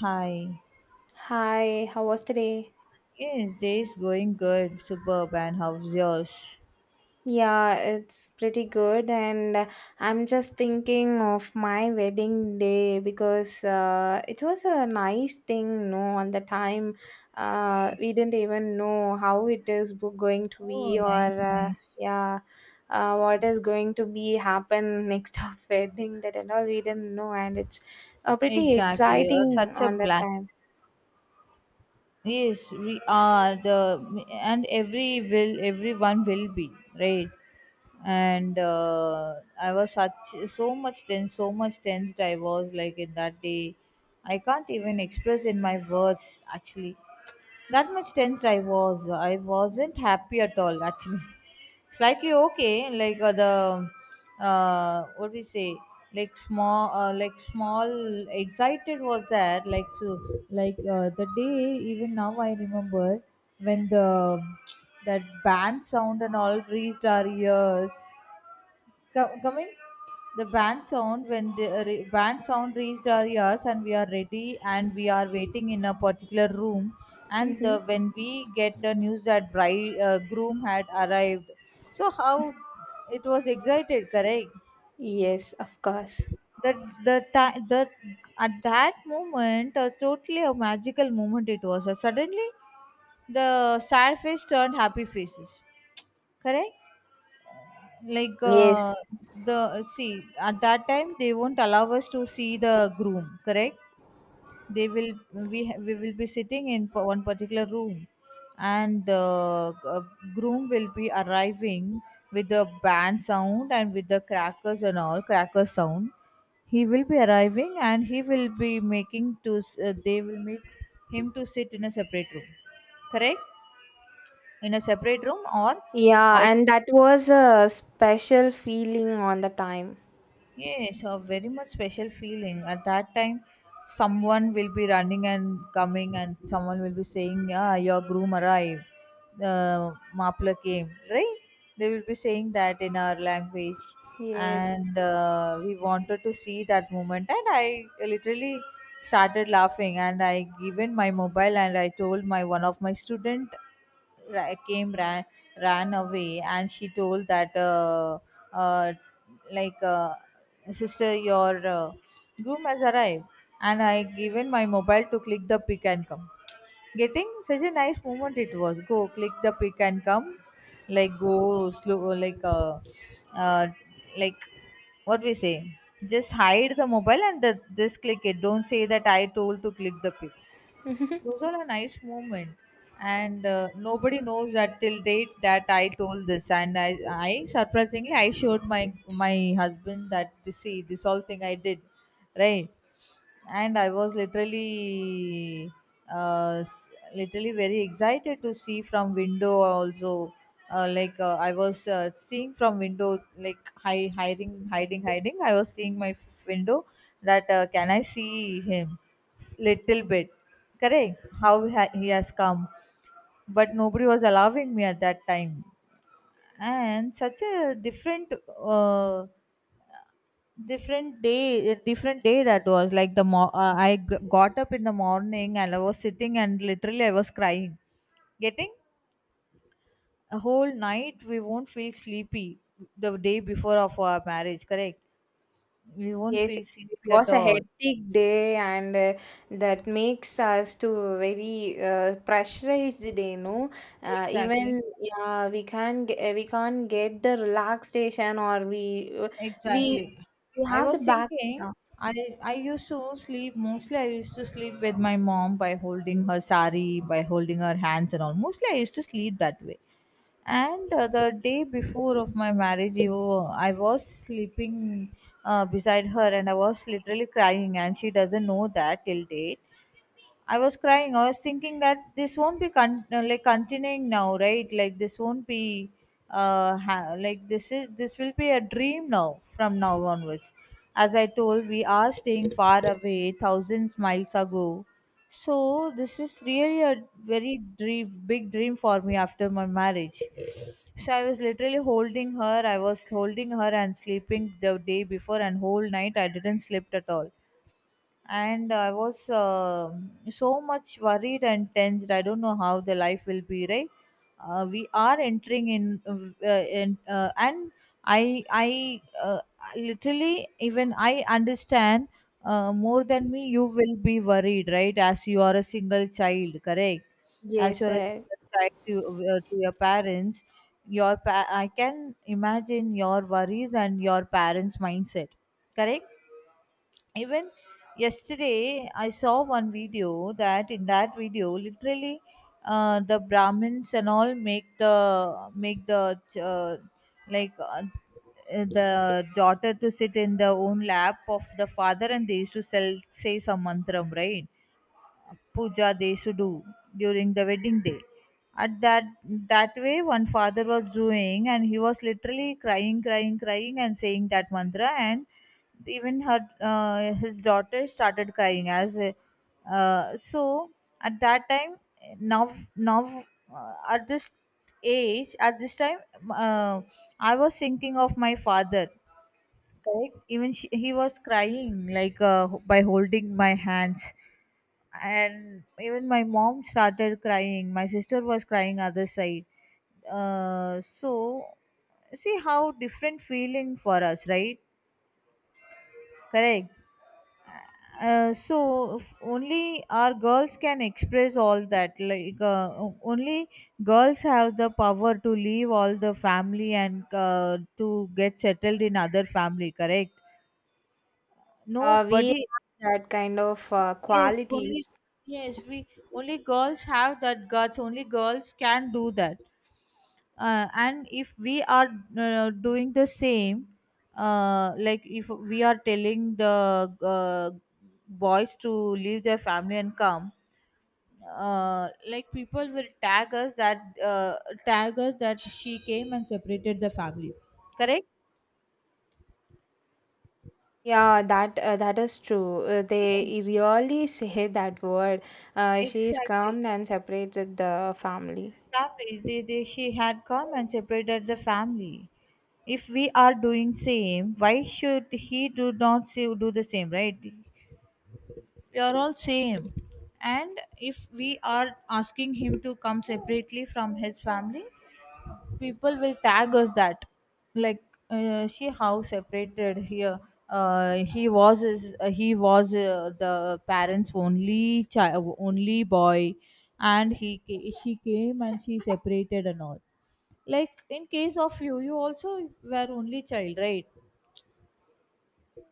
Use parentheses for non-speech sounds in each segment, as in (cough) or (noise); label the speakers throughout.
Speaker 1: Hi.
Speaker 2: Hi, how was today?
Speaker 1: Yes, day is going good. Superb. And how's yours?
Speaker 2: Yeah, it's pretty good, and I'm just thinking of my wedding day because it was a nice thing, no, on the time. We didn't even know how it is going to
Speaker 1: Oh,
Speaker 2: be,
Speaker 1: nice,
Speaker 2: or
Speaker 1: nice.
Speaker 2: yeah, what is going to be happen next (laughs) of wedding that and all. We didn't know, and it's pretty
Speaker 1: Exactly. Uh,
Speaker 2: exciting
Speaker 1: such a
Speaker 2: on that
Speaker 1: black.
Speaker 2: time.
Speaker 1: Yes, we are the and every will everyone will be right. And I was such so much tense, so much tensed. I was like in that day. I can't even express in my words actually. That much tensed I was. I wasn't happy at all actually. Slightly okay like the what we say, like small excited was there like so, like the day even now I remember when the, that band sound and all reached our ears. Coming, the band sound when the band sound reached our ears and we are ready and we are waiting in a particular room, and
Speaker 2: Mm-hmm.
Speaker 1: the, when we get the news that bride groom had arrived. So how it was excited, correct,
Speaker 2: Yes, of course.
Speaker 1: that the time the, at that moment a totally a magical moment it was. Suddenly the sad face turned happy faces, correct, like
Speaker 2: Yes.
Speaker 1: the, see at that time they won't allow us to see the groom, correct, they will we ha- we will be sitting in for one particular room, and the uh, groom will be arriving with the band sound and with the crackers and all cracker sound. He will be arriving and he will be they will make him to sit in a separate room, correct, in a separate room or.
Speaker 2: Yeah, and that was a special feeling on the time.
Speaker 1: Yes, a very much special feeling. At that time, someone will be running and coming, and someone will be saying, "Yeah, your groom arrived. The mapla came." Right? They will be saying that in our language,
Speaker 2: Yes.
Speaker 1: and we wanted to see that moment. And I literally started laughing, and I given my mobile, and I told my one of my student ra- came ran ran away and she told that uh, like uh, sister, your groom has arrived, and I given my mobile to click the pick and come. Getting such a nice moment it was. Go click the pick and come, like go slow, uh, like what we say. Just hide the mobile and the, just click it. Don't say that I told to click the pick. Those
Speaker 2: (laughs)
Speaker 1: all a nice moment, and nobody knows that till date that I told this, and I surprisingly I showed my my husband that this, see this all thing I did, right. And I was literally uh s- literally very excited to see from window also. I was seeing from window like hiding hiding hiding I was seeing my window, that can I see him? Little bit. Correct, he has come. But nobody was allowing me at that time. And such a different, uh, different day that was. Like I got up in the morning and I was sitting and literally I was crying. Getting, a whole night, we won't feel sleepy the day before of our marriage. Correct, we won't
Speaker 2: Yes,
Speaker 1: feel
Speaker 2: it
Speaker 1: sleepy at
Speaker 2: was a
Speaker 1: all.
Speaker 2: hectic day, and that makes us to very pressurized day, no?
Speaker 1: Exactly.
Speaker 2: Even yeah, we can't get the relaxation, or we
Speaker 1: Exactly.
Speaker 2: we
Speaker 1: I
Speaker 2: have the
Speaker 1: was
Speaker 2: back.
Speaker 1: thinking,
Speaker 2: Yeah.
Speaker 1: I I used to sleep mostly. I used to sleep with my mom by holding her sari, by holding her hands and all. Mostly, I used to sleep that way. And the day before of my marriage, you know, I was sleeping beside her, and I was literally crying, and she doesn't know that till date. I was crying. I was thinking that this won't be con- like continuing now, right? Like this won't be like this will be a dream now from now onwards. As I told, we are staying far away, thousands miles ago. So this is really a very dream, big dream for me after my marriage. So I was literally holding her. I was holding her and sleeping the day before, and whole night I didn't sleep at all, and I was so much worried and tensed. I don't know how the life will be, right. We are entering in and I literally even I understand more than me you will be worried, right, as you are a single child, correct, as
Speaker 2: Yes,
Speaker 1: you're a single child to your parents. I can imagine your worries and your parents mindset, correct. Even yesterday I saw one video that, in that video literally the brahmins and all make the uh, like uh, the daughter to sit in the own lap of the father, and they used to sell say some mantram, right. Puja they should do during the wedding day, at that, that way one father was doing, and he was literally crying crying crying and saying that mantra, and even her his daughter started crying as. So at that time now now At this age, at this time, uh, I was thinking of my father, correct. Even he was crying like by holding my hands, and even my mom started crying, my sister was crying other side. uh, so See how different feeling for us, right, correct. If only our girls can express all that, like only girls have the power to leave all the family, and to get settled in other family, correct.
Speaker 2: we
Speaker 1: Nobody.
Speaker 2: have that kind of
Speaker 1: Yes,
Speaker 2: quality.
Speaker 1: only, yes, we, only girls have that guts, only girls can do that. And if we are doing the same, like if we are telling the boys to leave their family and come, like people will tag us that she came and separated the family, correct.
Speaker 2: Yeah, that is true. They
Speaker 1: Yes,
Speaker 2: really say that word. She is
Speaker 1: exactly,
Speaker 2: come and separated the family.
Speaker 1: families they she had come and separated the family. If we are doing same, why should he do not see, do the same, right? We are all same. And if we are asking him to come separately from his family, people will tag us that, like, she how separated here, he was the parents only child, only boy, and she came and she separated and all. Like in case of you also were only child, right?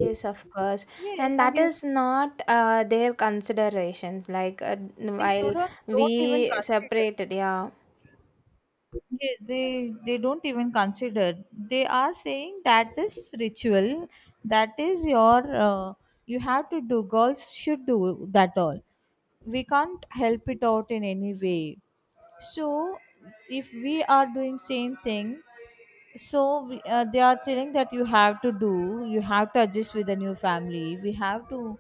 Speaker 2: Yes, of course,
Speaker 1: Yes,
Speaker 2: and
Speaker 1: and
Speaker 2: that
Speaker 1: you,
Speaker 2: is not their considerations. Like
Speaker 1: they do
Speaker 2: while
Speaker 1: not, don't even
Speaker 2: we
Speaker 1: consider.
Speaker 2: separated, yeah,
Speaker 1: Yes, they don't even consider. They are saying that this ritual, that is your, you have to do. Girls should do that all. We can't help it out in any way. So, if we are doing same thing, so we, they are telling that you have to do, you have to adjust with the new family. We have to.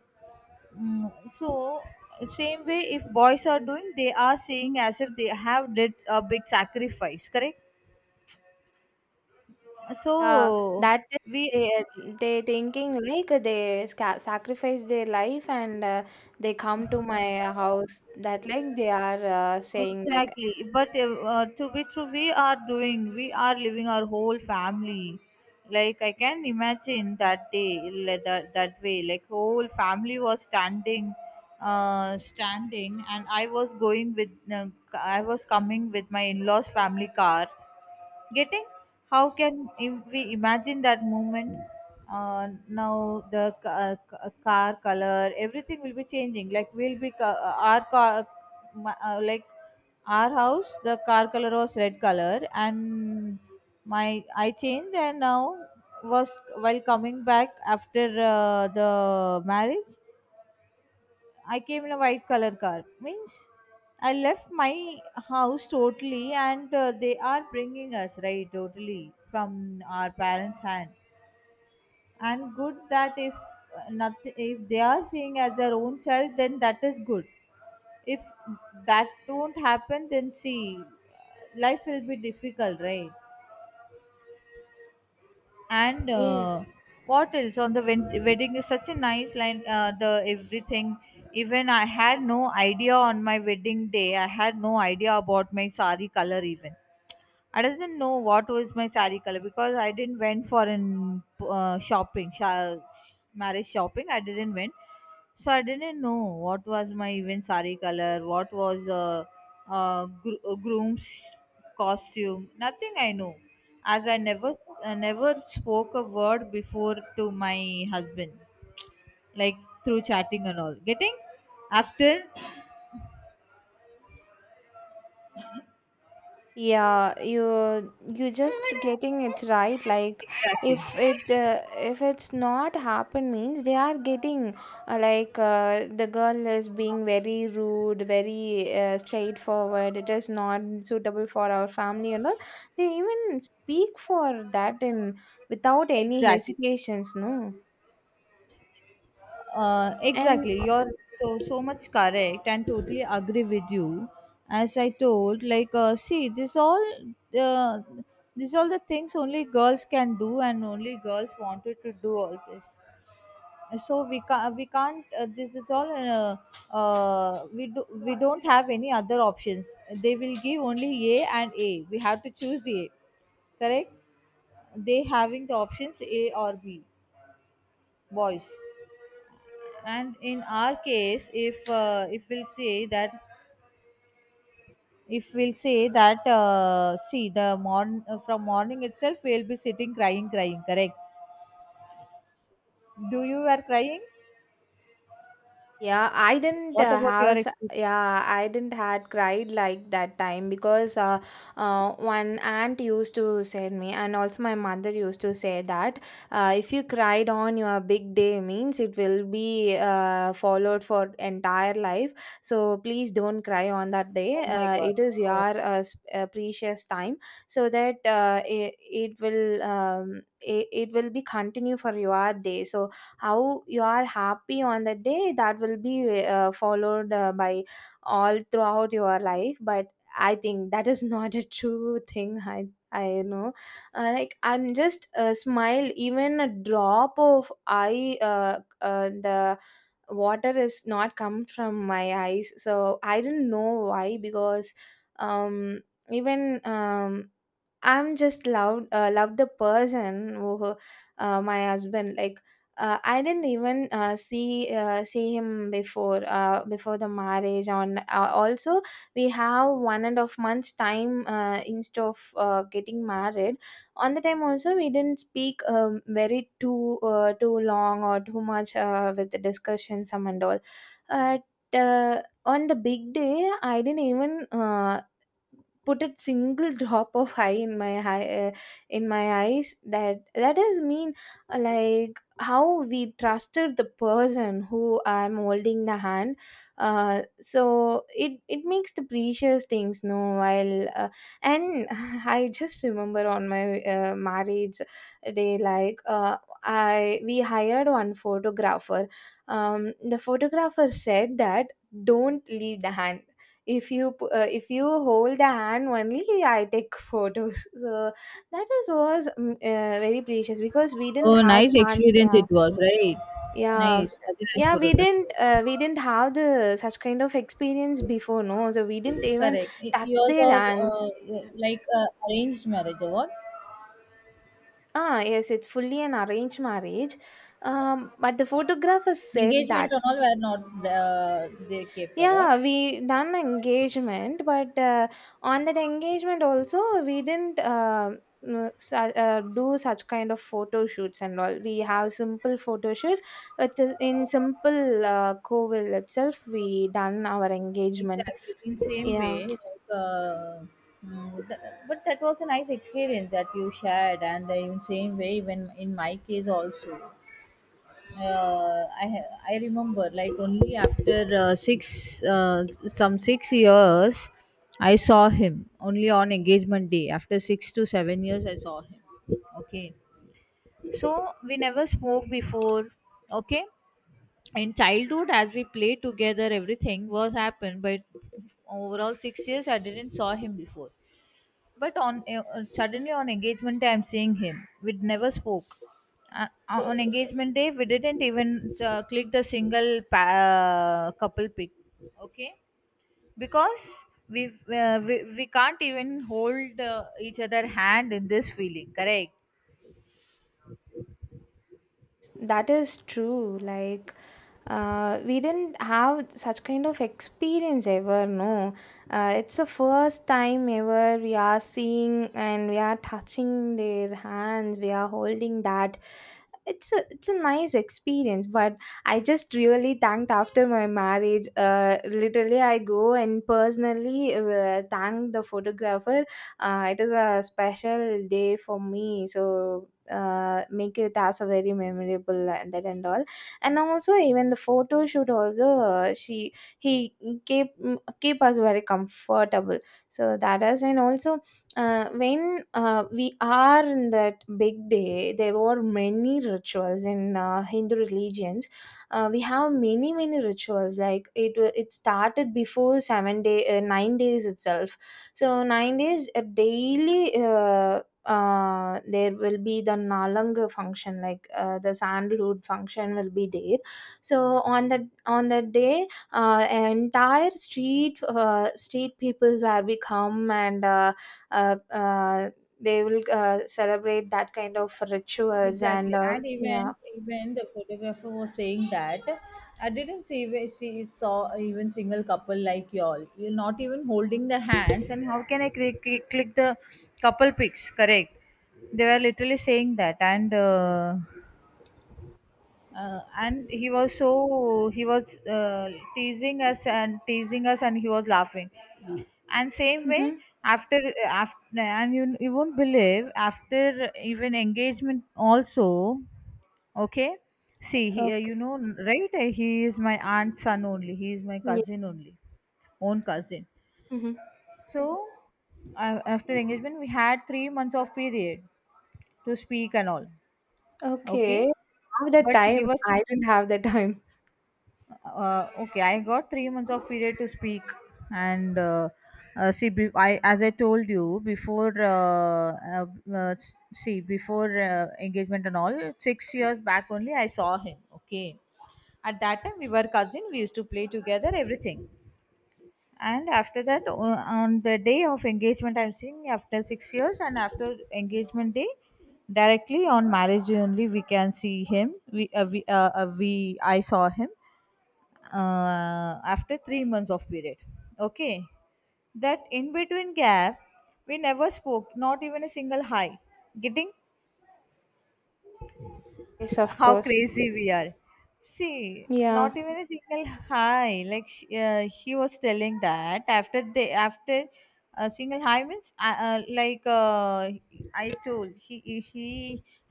Speaker 1: Mm, so same way, if boys are doing, they are saying as if they have did a big sacrifice. Correct.
Speaker 2: yeah,
Speaker 1: So
Speaker 2: that is
Speaker 1: we,
Speaker 2: they uh, they thinking like sacrifice their life, and they come to my house. That, like, they are saying like
Speaker 1: exactly, but to be true, we are doing, we are living our whole family. Like I can imagine that day, like that, that way, like whole family was standing, standing, and I was going with I was coming with my in-laws family car. Getting, how can if we imagine that moment? Now the ca- ca- car color everything will be changing, like our car, like our house the car color was red color, and my I changed, and now was while coming back after the marriage, I came in a white color car. Means I left my house totally, and they are bringing us right totally from our parents' hand. And good that if nothing, if they are seeing as their own child, then that is good. If that don't happen, then see, life will be difficult, right? And
Speaker 2: yes.
Speaker 1: what else on the wedding is such a nice line, the everything. Even I had no idea on my wedding day, I had no idea about my sari color even. I doesn't know what was my saree color because I didn't went for an marriage shopping. I didn't went, so I didn't know what was my even saree color, what was groom's costume. Nothing I know, as I never never spoke a word before to my husband, like through chatting and all. Getting, after,
Speaker 2: Yeah, you just getting it right. Like,
Speaker 1: exactly,
Speaker 2: if it's not happened means they are getting, the girl is being very rude, very straightforward. It is not suitable for our family and all. They even speak for that in without any
Speaker 1: exactly.
Speaker 2: hesitations, no. And
Speaker 1: Exactly. You're so, so much correct, and totally agree with you. As I told, like, see, this all uh, these all the things only girls can do, and only girls wanted to do all this. So we can't. This is all. We do, we don't have any other options. They will give only A and A. We have to choose the A, correct? They having the options A or B, boys. And in our case, if we'll say that see the morn from morning itself we'll be sitting crying crying, correct? Do you are crying?
Speaker 2: Yeah, I didn't
Speaker 1: What
Speaker 2: uh,
Speaker 1: about
Speaker 2: have
Speaker 1: your
Speaker 2: s-
Speaker 1: experience?
Speaker 2: yeah, I didn't had cried like that time because one aunt used to say me, and also my mother used to say that if you cried on your big day, means it will be followed for entire life. So please don't cry on that day.
Speaker 1: Oh my god.
Speaker 2: It is your
Speaker 1: Oh.
Speaker 2: precious time, so that it will be continue for your day. So how you are happy on that day, that will be followed by all throughout your life, but I think that is (laughs) not a true thing. I know. Like, I'm just smile, even a drop of eye the water is not come from my eyes, so I didn't know why, because um even um I'm just loved. Love the person who, my husband, like I didn't even see him before, before the marriage on, also we have 1.5 months time, instead of getting married. On the time also, we didn't speak very too long or too much with the discussion some and all. But on the big day, I didn't even put a single (laughs) drop of high in my eyes, that is mean, like how we trusted the person who I'm holding the hand. So it makes the precious things, no, while and (laughs) I just remember on my marriage day, like I we hired one photographer. um, the photographer said that don't leave the hand, if you hold the hand only I take photos. (laughs) So that is was very precious, because we didn't
Speaker 1: Oh,
Speaker 2: have
Speaker 1: nice
Speaker 2: chance.
Speaker 1: experience
Speaker 2: Yeah,
Speaker 1: it was, right?
Speaker 2: yeah.
Speaker 1: Nice, such a nice
Speaker 2: Yeah,
Speaker 1: photograph.
Speaker 2: we didn't have the such kind of experience before, no, so we didn't even
Speaker 1: Correct. Y-
Speaker 2: touch
Speaker 1: Yours
Speaker 2: their
Speaker 1: are
Speaker 2: hands.
Speaker 1: like, arranged marriage award.
Speaker 2: Ah, yes, it's fully an arranged marriage. But the photographer said
Speaker 1: Engagement
Speaker 2: that.
Speaker 1: and all were not, they kept award.
Speaker 2: Yeah, we done engagement, but on that engagement also we didn't do such kind of photo shoots and all. We have simple photo shoot in simple Covil itself. We done our engagement.
Speaker 1: Exactly. In same
Speaker 2: Yeah.
Speaker 1: way, like, uh, mm, th- but that was a nice experience that you shared, and in same way, even in my case also, I remember like only after 6 years, I saw him only on engagement day. After 6 to 7 years, I saw him. Okay, so we never spoke before. Okay, in childhood as we played together everything was happened, but overall 6 years I didn't saw him before. But on suddenly on engagement day I'm seeing him, we never spoke. On engagement day we didn't even click the couple pic. Okay, because we can't even hold each other hand in this feeling, correct?
Speaker 2: That is true. Like, we didn't have such kind of experience ever. No, it's the first time ever we are seeing and we are touching their hands. We are holding that. It's a nice experience. But I just really thanked after my marriage. Literally, I go and personally thank the photographer. It is a special day for me. So make it as a very memorable and that and all. And also, even the photo shoot also, she he keep keep us very comfortable. So that is. And also, when we are in that big day, there were many rituals in Hindu religions. We have many many rituals, like it started before seven day 9 days itself. So 9 days, daily, there will be the nalang function, like the sandalwood function will be there. So on that on that day, entire street peoples where we come, and uh, uh, they will celebrate that kind of rituals.
Speaker 1: Exactly,
Speaker 2: And
Speaker 1: and
Speaker 2: yeah.
Speaker 1: even the photographer was saying that I didn't see where she saw even single couple like y'all. You're not even holding the hands, and how can I click the couple pics? Correct. They were literally saying that, and and he was teasing us, and he was laughing. And same way,
Speaker 2: Mm-hmm.
Speaker 1: after after and you won't believe, after even engagement also. Okay, see, he,
Speaker 2: Okay.
Speaker 1: right? He is my aunt's son only. He is my
Speaker 2: Yeah.
Speaker 1: cousin only, own cousin.
Speaker 2: Hmm.
Speaker 1: So, after engagement, we had 3 months of period to speak and all.
Speaker 2: Okay.
Speaker 1: Okay,
Speaker 2: Have the
Speaker 1: but he
Speaker 2: time.
Speaker 1: was
Speaker 2: I didn't have the time.
Speaker 1: okay, I got 3 months of period to speak, and I, as I told you before, see, before engagement and all, 6 years back only I saw him, okay. At that time we were cousin, we used to play together everything. And after that, on the day of engagement I'm seeing after 6 years. And after engagement day, directly on marriage day only we can see him. We uh, we, uh, uh, we i saw him after 3 months of period, okay. That in between gap, we never spoke, not even a single hi. Getting,
Speaker 2: Yes, of
Speaker 1: how
Speaker 2: course.
Speaker 1: crazy we are. See,
Speaker 2: Yeah.
Speaker 1: not even a single hi, like he was telling that after they, after a single hi means like, I told he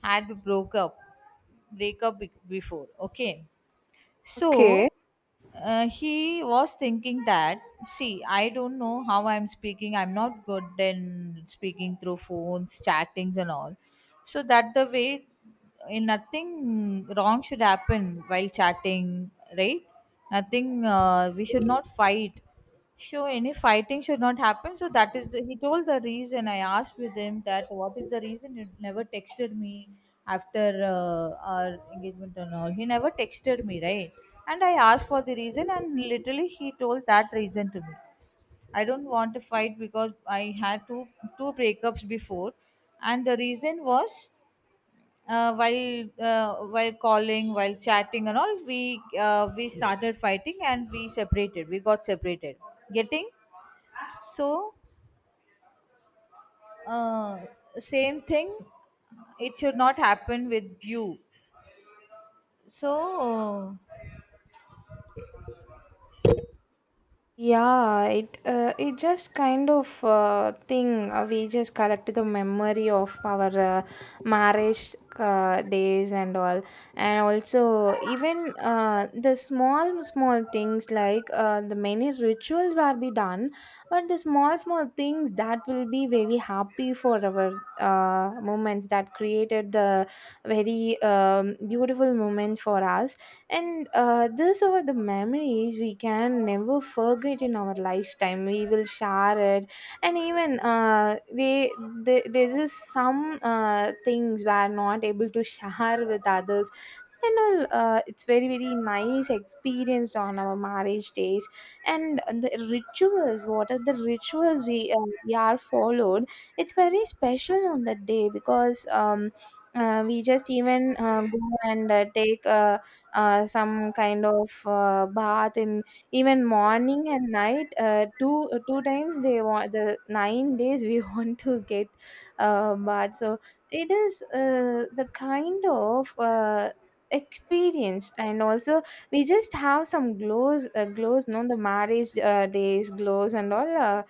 Speaker 1: had broke up, break up be- before, okay.
Speaker 2: Okay.
Speaker 1: So, he was thinking that, see, I don't know how I'm speaking. I'm not good in speaking through phones, chattings, and all. So that the way, nothing wrong should happen while chatting, right? Nothing, we should not fight. So any fighting should not happen. So that is the, he told the reason. I asked with him that what is the reason you never texted me after our engagement and all. He never texted me, right? And I asked for the reason, and literally he told that reason to me. I don't want to fight because I had two breakups before, and the reason was while while calling, while chatting and all, we started fighting and we separated. We got separated. Getting, so uh, same thing. It should not happen with you. So,
Speaker 2: Yeah, it just kind of thing, we just collect the memory of our marriage days and all, and also even the small small things, like the many rituals will be done, but the small small things that will be very happy for our moments that created the very beautiful moments for us. And these are the memories we can never forget in our lifetime. We will share it. And even they there is some things we are not able to share with others and all. It's very very nice experienced on our marriage days, and the rituals, what are the rituals we are followed. It's very special on that day, because we just even go and take some kind of bath, in even morning and night, two times they want, the 9 days we (laughs) want to get bath. So it is the kind of experience. And also we just have some glows, no, the marriage days glows and all,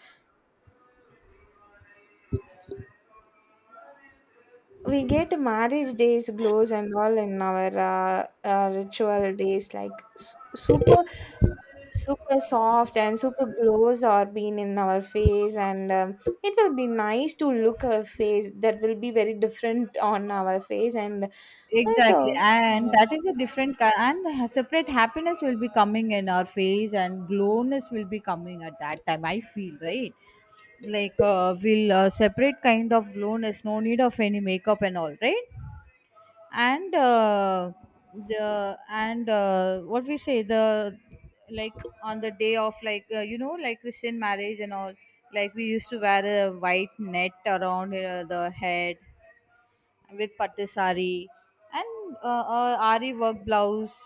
Speaker 2: we get marriage days glows and all in our ritual days, like super super soft and super glows are being in our face. And it will be nice to look a face, that will be very different on our face. And
Speaker 1: exactly,
Speaker 2: also,
Speaker 1: and
Speaker 2: yeah.
Speaker 1: that is a different kind. And the separate happiness will be coming in our face, and glowness will be coming at that time, I feel, right? Like, we'll separate kind of glowness. No need of any makeup and all, right? And the and what we say the, like, on the day of, like, like, Christian marriage and all, like we used to wear a white net around the head with pattu sari and ari work blouse.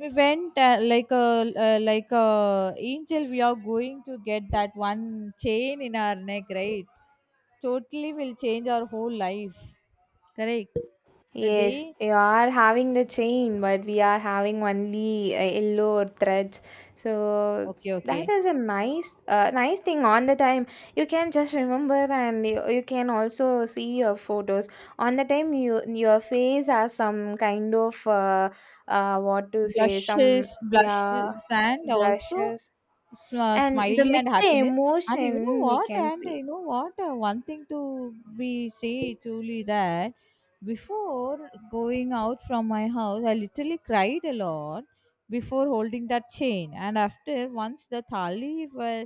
Speaker 1: We went like a, like a angel. We are going to get that one chain in our neck, right? Totally will change our whole life, correct? The day.
Speaker 2: Yes, you are having the chain, but we are having only yellow threads. So
Speaker 1: Okay,
Speaker 2: that
Speaker 1: okay.
Speaker 2: is a nice thing on the time. You can just remember, and you can also see your photos on the time. Your face has some kind of what to say, some
Speaker 1: Blushes,
Speaker 2: yeah,
Speaker 1: blushes, and also,
Speaker 2: blushes, and the
Speaker 1: smiley and
Speaker 2: mixed
Speaker 1: happiness. And you know
Speaker 2: emotion we
Speaker 1: what?
Speaker 2: can
Speaker 1: And
Speaker 2: see.
Speaker 1: you know what? One thing to be say truly that before going out from my house, I literally cried a lot before holding that chain. And after once the thali were,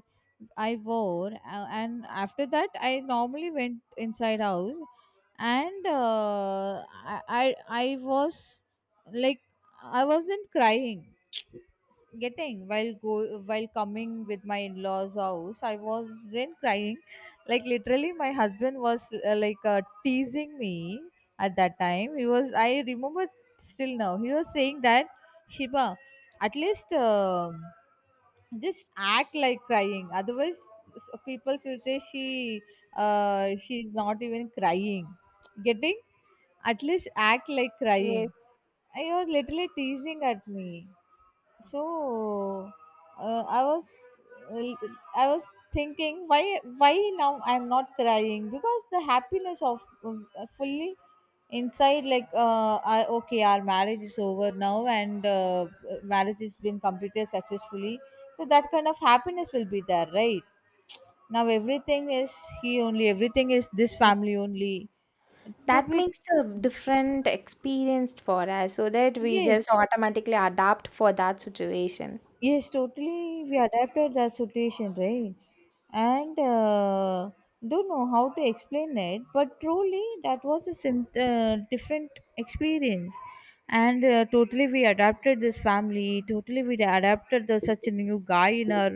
Speaker 1: I wore, and after that I normally went inside house. And I was, like, I wasn't crying. Getting, while coming with my in-laws house, I wasn't crying. Like literally my husband was like, teasing me. At that time he was, I remember, still now he was saying that, Shiba, at least, just act like crying, otherwise people will say she, she's not even crying. Getting, at least act like
Speaker 2: Yes.
Speaker 1: crying. I was literally teasing at me. So, uh, I was I was thinking, why now I'm not crying, because the happiness of fully inside, like, okay, our marriage is over now, and marriage has been completed successfully, so that kind of happiness will be there, right? Now everything is he only, everything is this family only. To
Speaker 2: That
Speaker 1: be.
Speaker 2: makes a different experience for us, so that we just
Speaker 1: Yes.
Speaker 2: automatically adapt for that situation.
Speaker 1: Yes, totally. We adapted that situation, right? And don't know how to explain it, but truly that was a different experience. And totally we adapted this family, totally we adapted the, such a new guy in our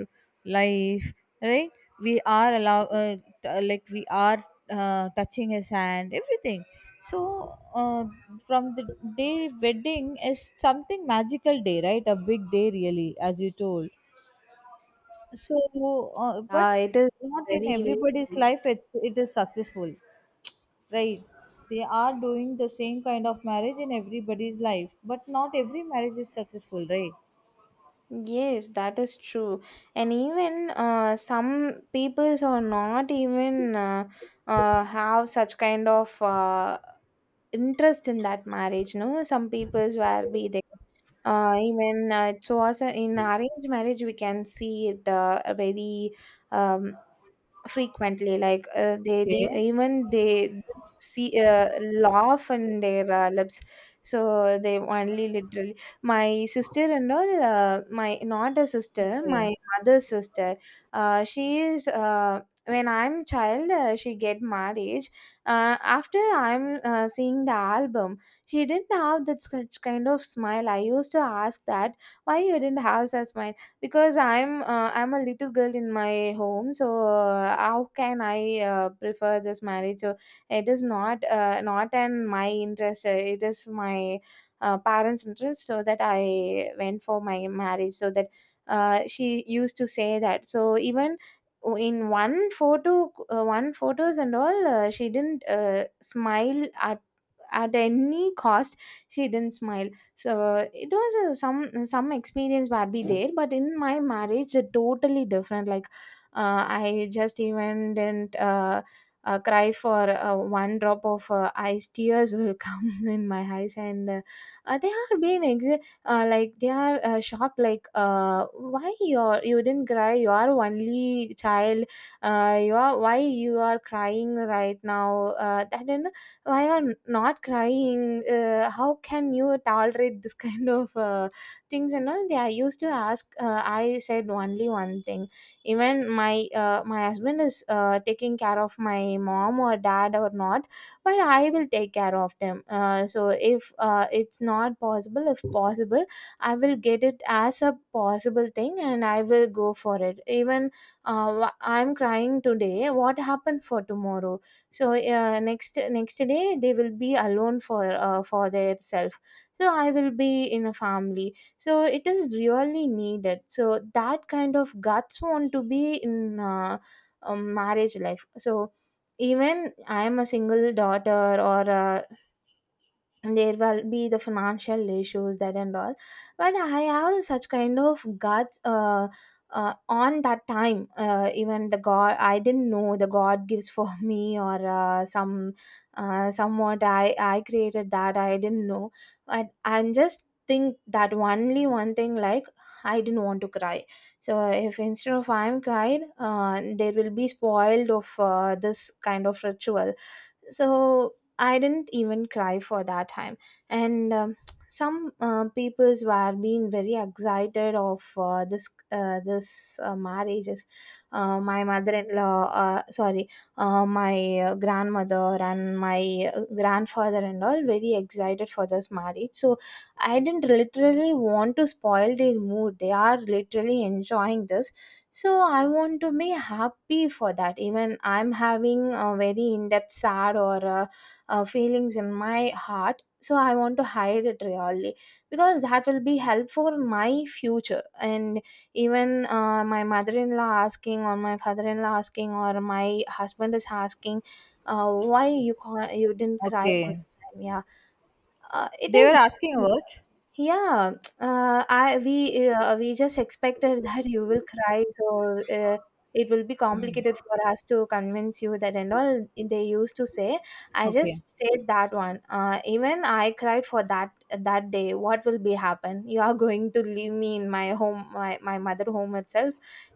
Speaker 1: life, right? We are allow, like we are touching his hand everything. So, from the day, wedding is something magical day, right? A big day really, as you told. So but
Speaker 2: It is
Speaker 1: not in
Speaker 2: very, very
Speaker 1: everybody's
Speaker 2: big.
Speaker 1: life it is successful, right? They are doing the same kind of marriage in everybody's life, but not every marriage is successful, right?
Speaker 2: Yes, that is true. And even some peoples are not even have such kind of interest in that marriage. No, some peoples were be there. Even it was a, in arranged marriage, we can see it very um, frequently, like
Speaker 1: Okay.
Speaker 2: even they see laugh on their lips. So they only, literally, my sister and all, my, not a sister,
Speaker 1: Okay.
Speaker 2: my mother's sister, she is, when I'm child, she get marriage. After I'm seeing the album, she didn't have that such kind of smile. I used to ask that, why you didn't have such smile, because I'm a little girl in my home, so how can I prefer this marriage? So it is not in my interest, it is my parents interest, so that I went for my marriage. So that she used to say that. So even in one photos and all, she didn't smile at any cost. She didn't smile. So it was a, some experience barbie there, but in my marriage it totally different, like I just even didn't cry for one drop of eyes, tears will (laughs) come in my eyes. And they are being like they are shocked, like why you're you did not cry, you are only child. You are Why you are crying right now, that didn't why are not crying, how can you tolerate this (laughs) kind of things and all they are used to ask. I said only one thing. Even my husband is taking care of my mom or dad or not, but I will take care of them. So if it's not possible, if possible, I will get it as a possible thing, and I will go for it. Even I'm crying today, what happened for tomorrow? So next day they will be alone for their self. So I will be in a family, so it is really needed, so that kind of guts want to be in marriage life. So even I am a single daughter or a, there will be the financial issues, that and all. But I have such kind of guts. On that time, even the god, I didn't know the god gives for (laughs) me, or some somewhat I created, that I didn't know. But I'm just think that only one thing, like, I didn't want to cry. So if instead of I'm cried, there will be spoiled of this kind of ritual. So I didn't even cry for that time. And some peoples were being very excited of this marriages. My mother-in-law, sorry, my grandmother and my grandfather and all very excited for this marriage. So I didn't literally want to spoil their mood. They are literally enjoying this. So I want to be happy for that. Even I'm having a very in-depth sad, or a feelings in my heart, so I want to hide it really, because that will be help for my future. And even my mother-in-law asking, or my father-in-law asking, or my husband is asking, why you can not, you didn't cry on
Speaker 1: Okay,
Speaker 2: time? Yeah. It
Speaker 1: they were
Speaker 2: is.
Speaker 1: asking about.
Speaker 2: Yeah, I we just expected (laughs) that you will cry, so it will be complicated for us to convince you, that and all they used to say. I
Speaker 1: Okay.
Speaker 2: just said that one. Even I cried for that day. What will be happen? You are going to leave me in my home, my mother home itself.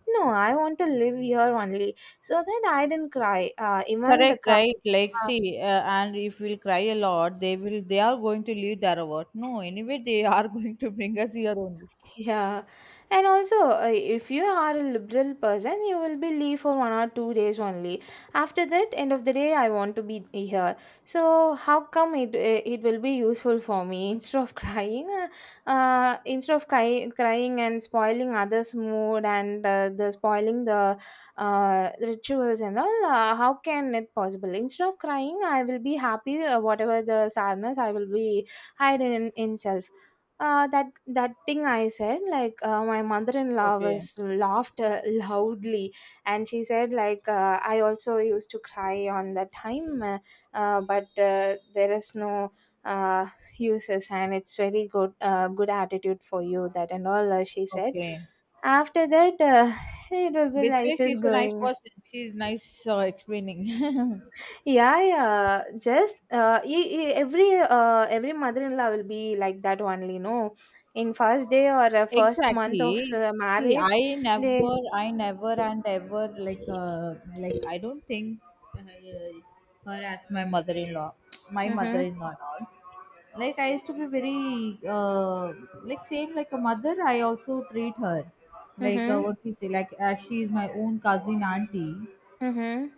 Speaker 2: No, I want to live here only, so that I didn't cry. Even the
Speaker 1: Correct,
Speaker 2: cry.
Speaker 1: right? Like, see, and if we'll cry a lot, they will. They are going to leave their award. No, anyway, they are (laughs) going to bring us here only.
Speaker 2: Yeah, and also, if you are a liberal person, you will be leave for 1 or 2 days only. After that, end of the day, I want to be here. So how come it will be useful for me, (laughs) instead of crying, instead of cry- crying and spoiling others' mood, and the spoiling the rituals and all. How can it possible? Instead of crying, I will be happy. Whatever the sadness, I will be hiding in self. That thing I said, like, my mother-in-law
Speaker 1: Okay,
Speaker 2: was laughed loudly, and she said, like, I also used to cry on that time. But there is no uh, uses, and it's very good attitude for you, that and all, she said.
Speaker 1: okay.
Speaker 2: After that, (laughs) it will be,
Speaker 1: Basically,
Speaker 2: life is
Speaker 1: she's a nice
Speaker 2: going.
Speaker 1: person. She's nice, explaining. (laughs)
Speaker 2: Yeah, yeah. Just, every mother-in-law will be like that only, no? In first day, or first month of
Speaker 1: Exactly. See,
Speaker 2: marriage, they.
Speaker 1: I never and ever, like, like, I don't think uh, her as my
Speaker 2: Mm-hmm.
Speaker 1: mother-in-law and all. Like I used to be very, like same like a mother. I also treat her like,
Speaker 2: Mm-hmm.
Speaker 1: what we say, like as she is my own cousin auntie.
Speaker 2: Mm-hmm.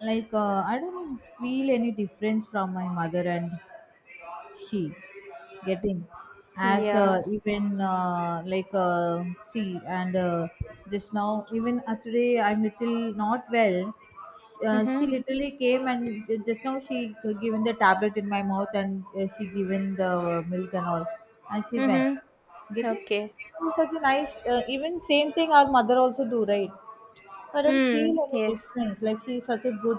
Speaker 1: Like, I don't feel any difference from my mother and she, getting, as
Speaker 2: Yeah.
Speaker 1: even like see and just now, even today I'm little not well. She
Speaker 2: Mm-hmm.
Speaker 1: literally came and just now she given the tablet in my mouth and she given the milk and all, and she went.
Speaker 2: Mm-hmm.
Speaker 1: Getting,
Speaker 2: Okay.
Speaker 1: so such a nice, even same thing our mother also do, right? I don't feel
Speaker 2: Hmm.
Speaker 1: any
Speaker 2: Yes.
Speaker 1: difference, like she such a good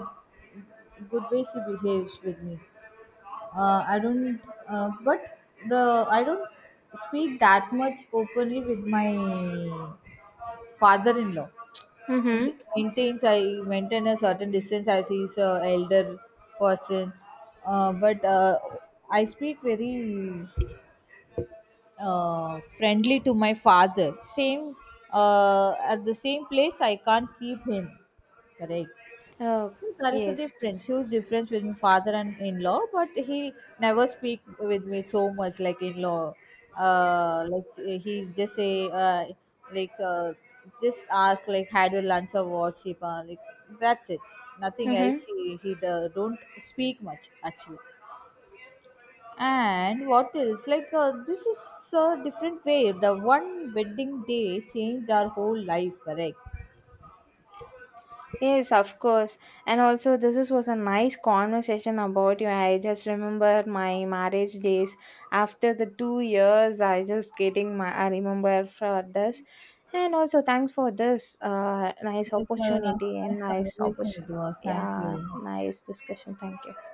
Speaker 1: good way she behaves with me. I don't, but the, I don't speak that much openly with my father-in-law. He
Speaker 2: Mm-hmm.
Speaker 1: maintains I maintain a certain distance as he's a elder person, but I speak very friendly to my father. Same, at the same place, I can't keep him. Correct.
Speaker 2: Oh,
Speaker 1: So there is a
Speaker 2: yes.
Speaker 1: difference, huge difference between father and in-law, but he never speak with me so much like in-law. Like he just say, like, just ask like, had your lunch or what, Shipa? Like, that's it. Nothing
Speaker 2: Mm-hmm.
Speaker 1: else. He don't speak much actually. And what else? Like, this is a different way. The one wedding day changed our whole life. Correct.
Speaker 2: Yes, of course. And also, this is, was a nice conversation about you. I just remember my marriage days. After the 2 years, I just getting my. I remember for this, and also thanks for this nice
Speaker 1: Yes, sir. Nice,
Speaker 2: opportunity and
Speaker 1: nice
Speaker 2: nice
Speaker 1: conversation it
Speaker 2: opportunity.
Speaker 1: was. Thank you.
Speaker 2: Yeah, nice discussion. Thank you.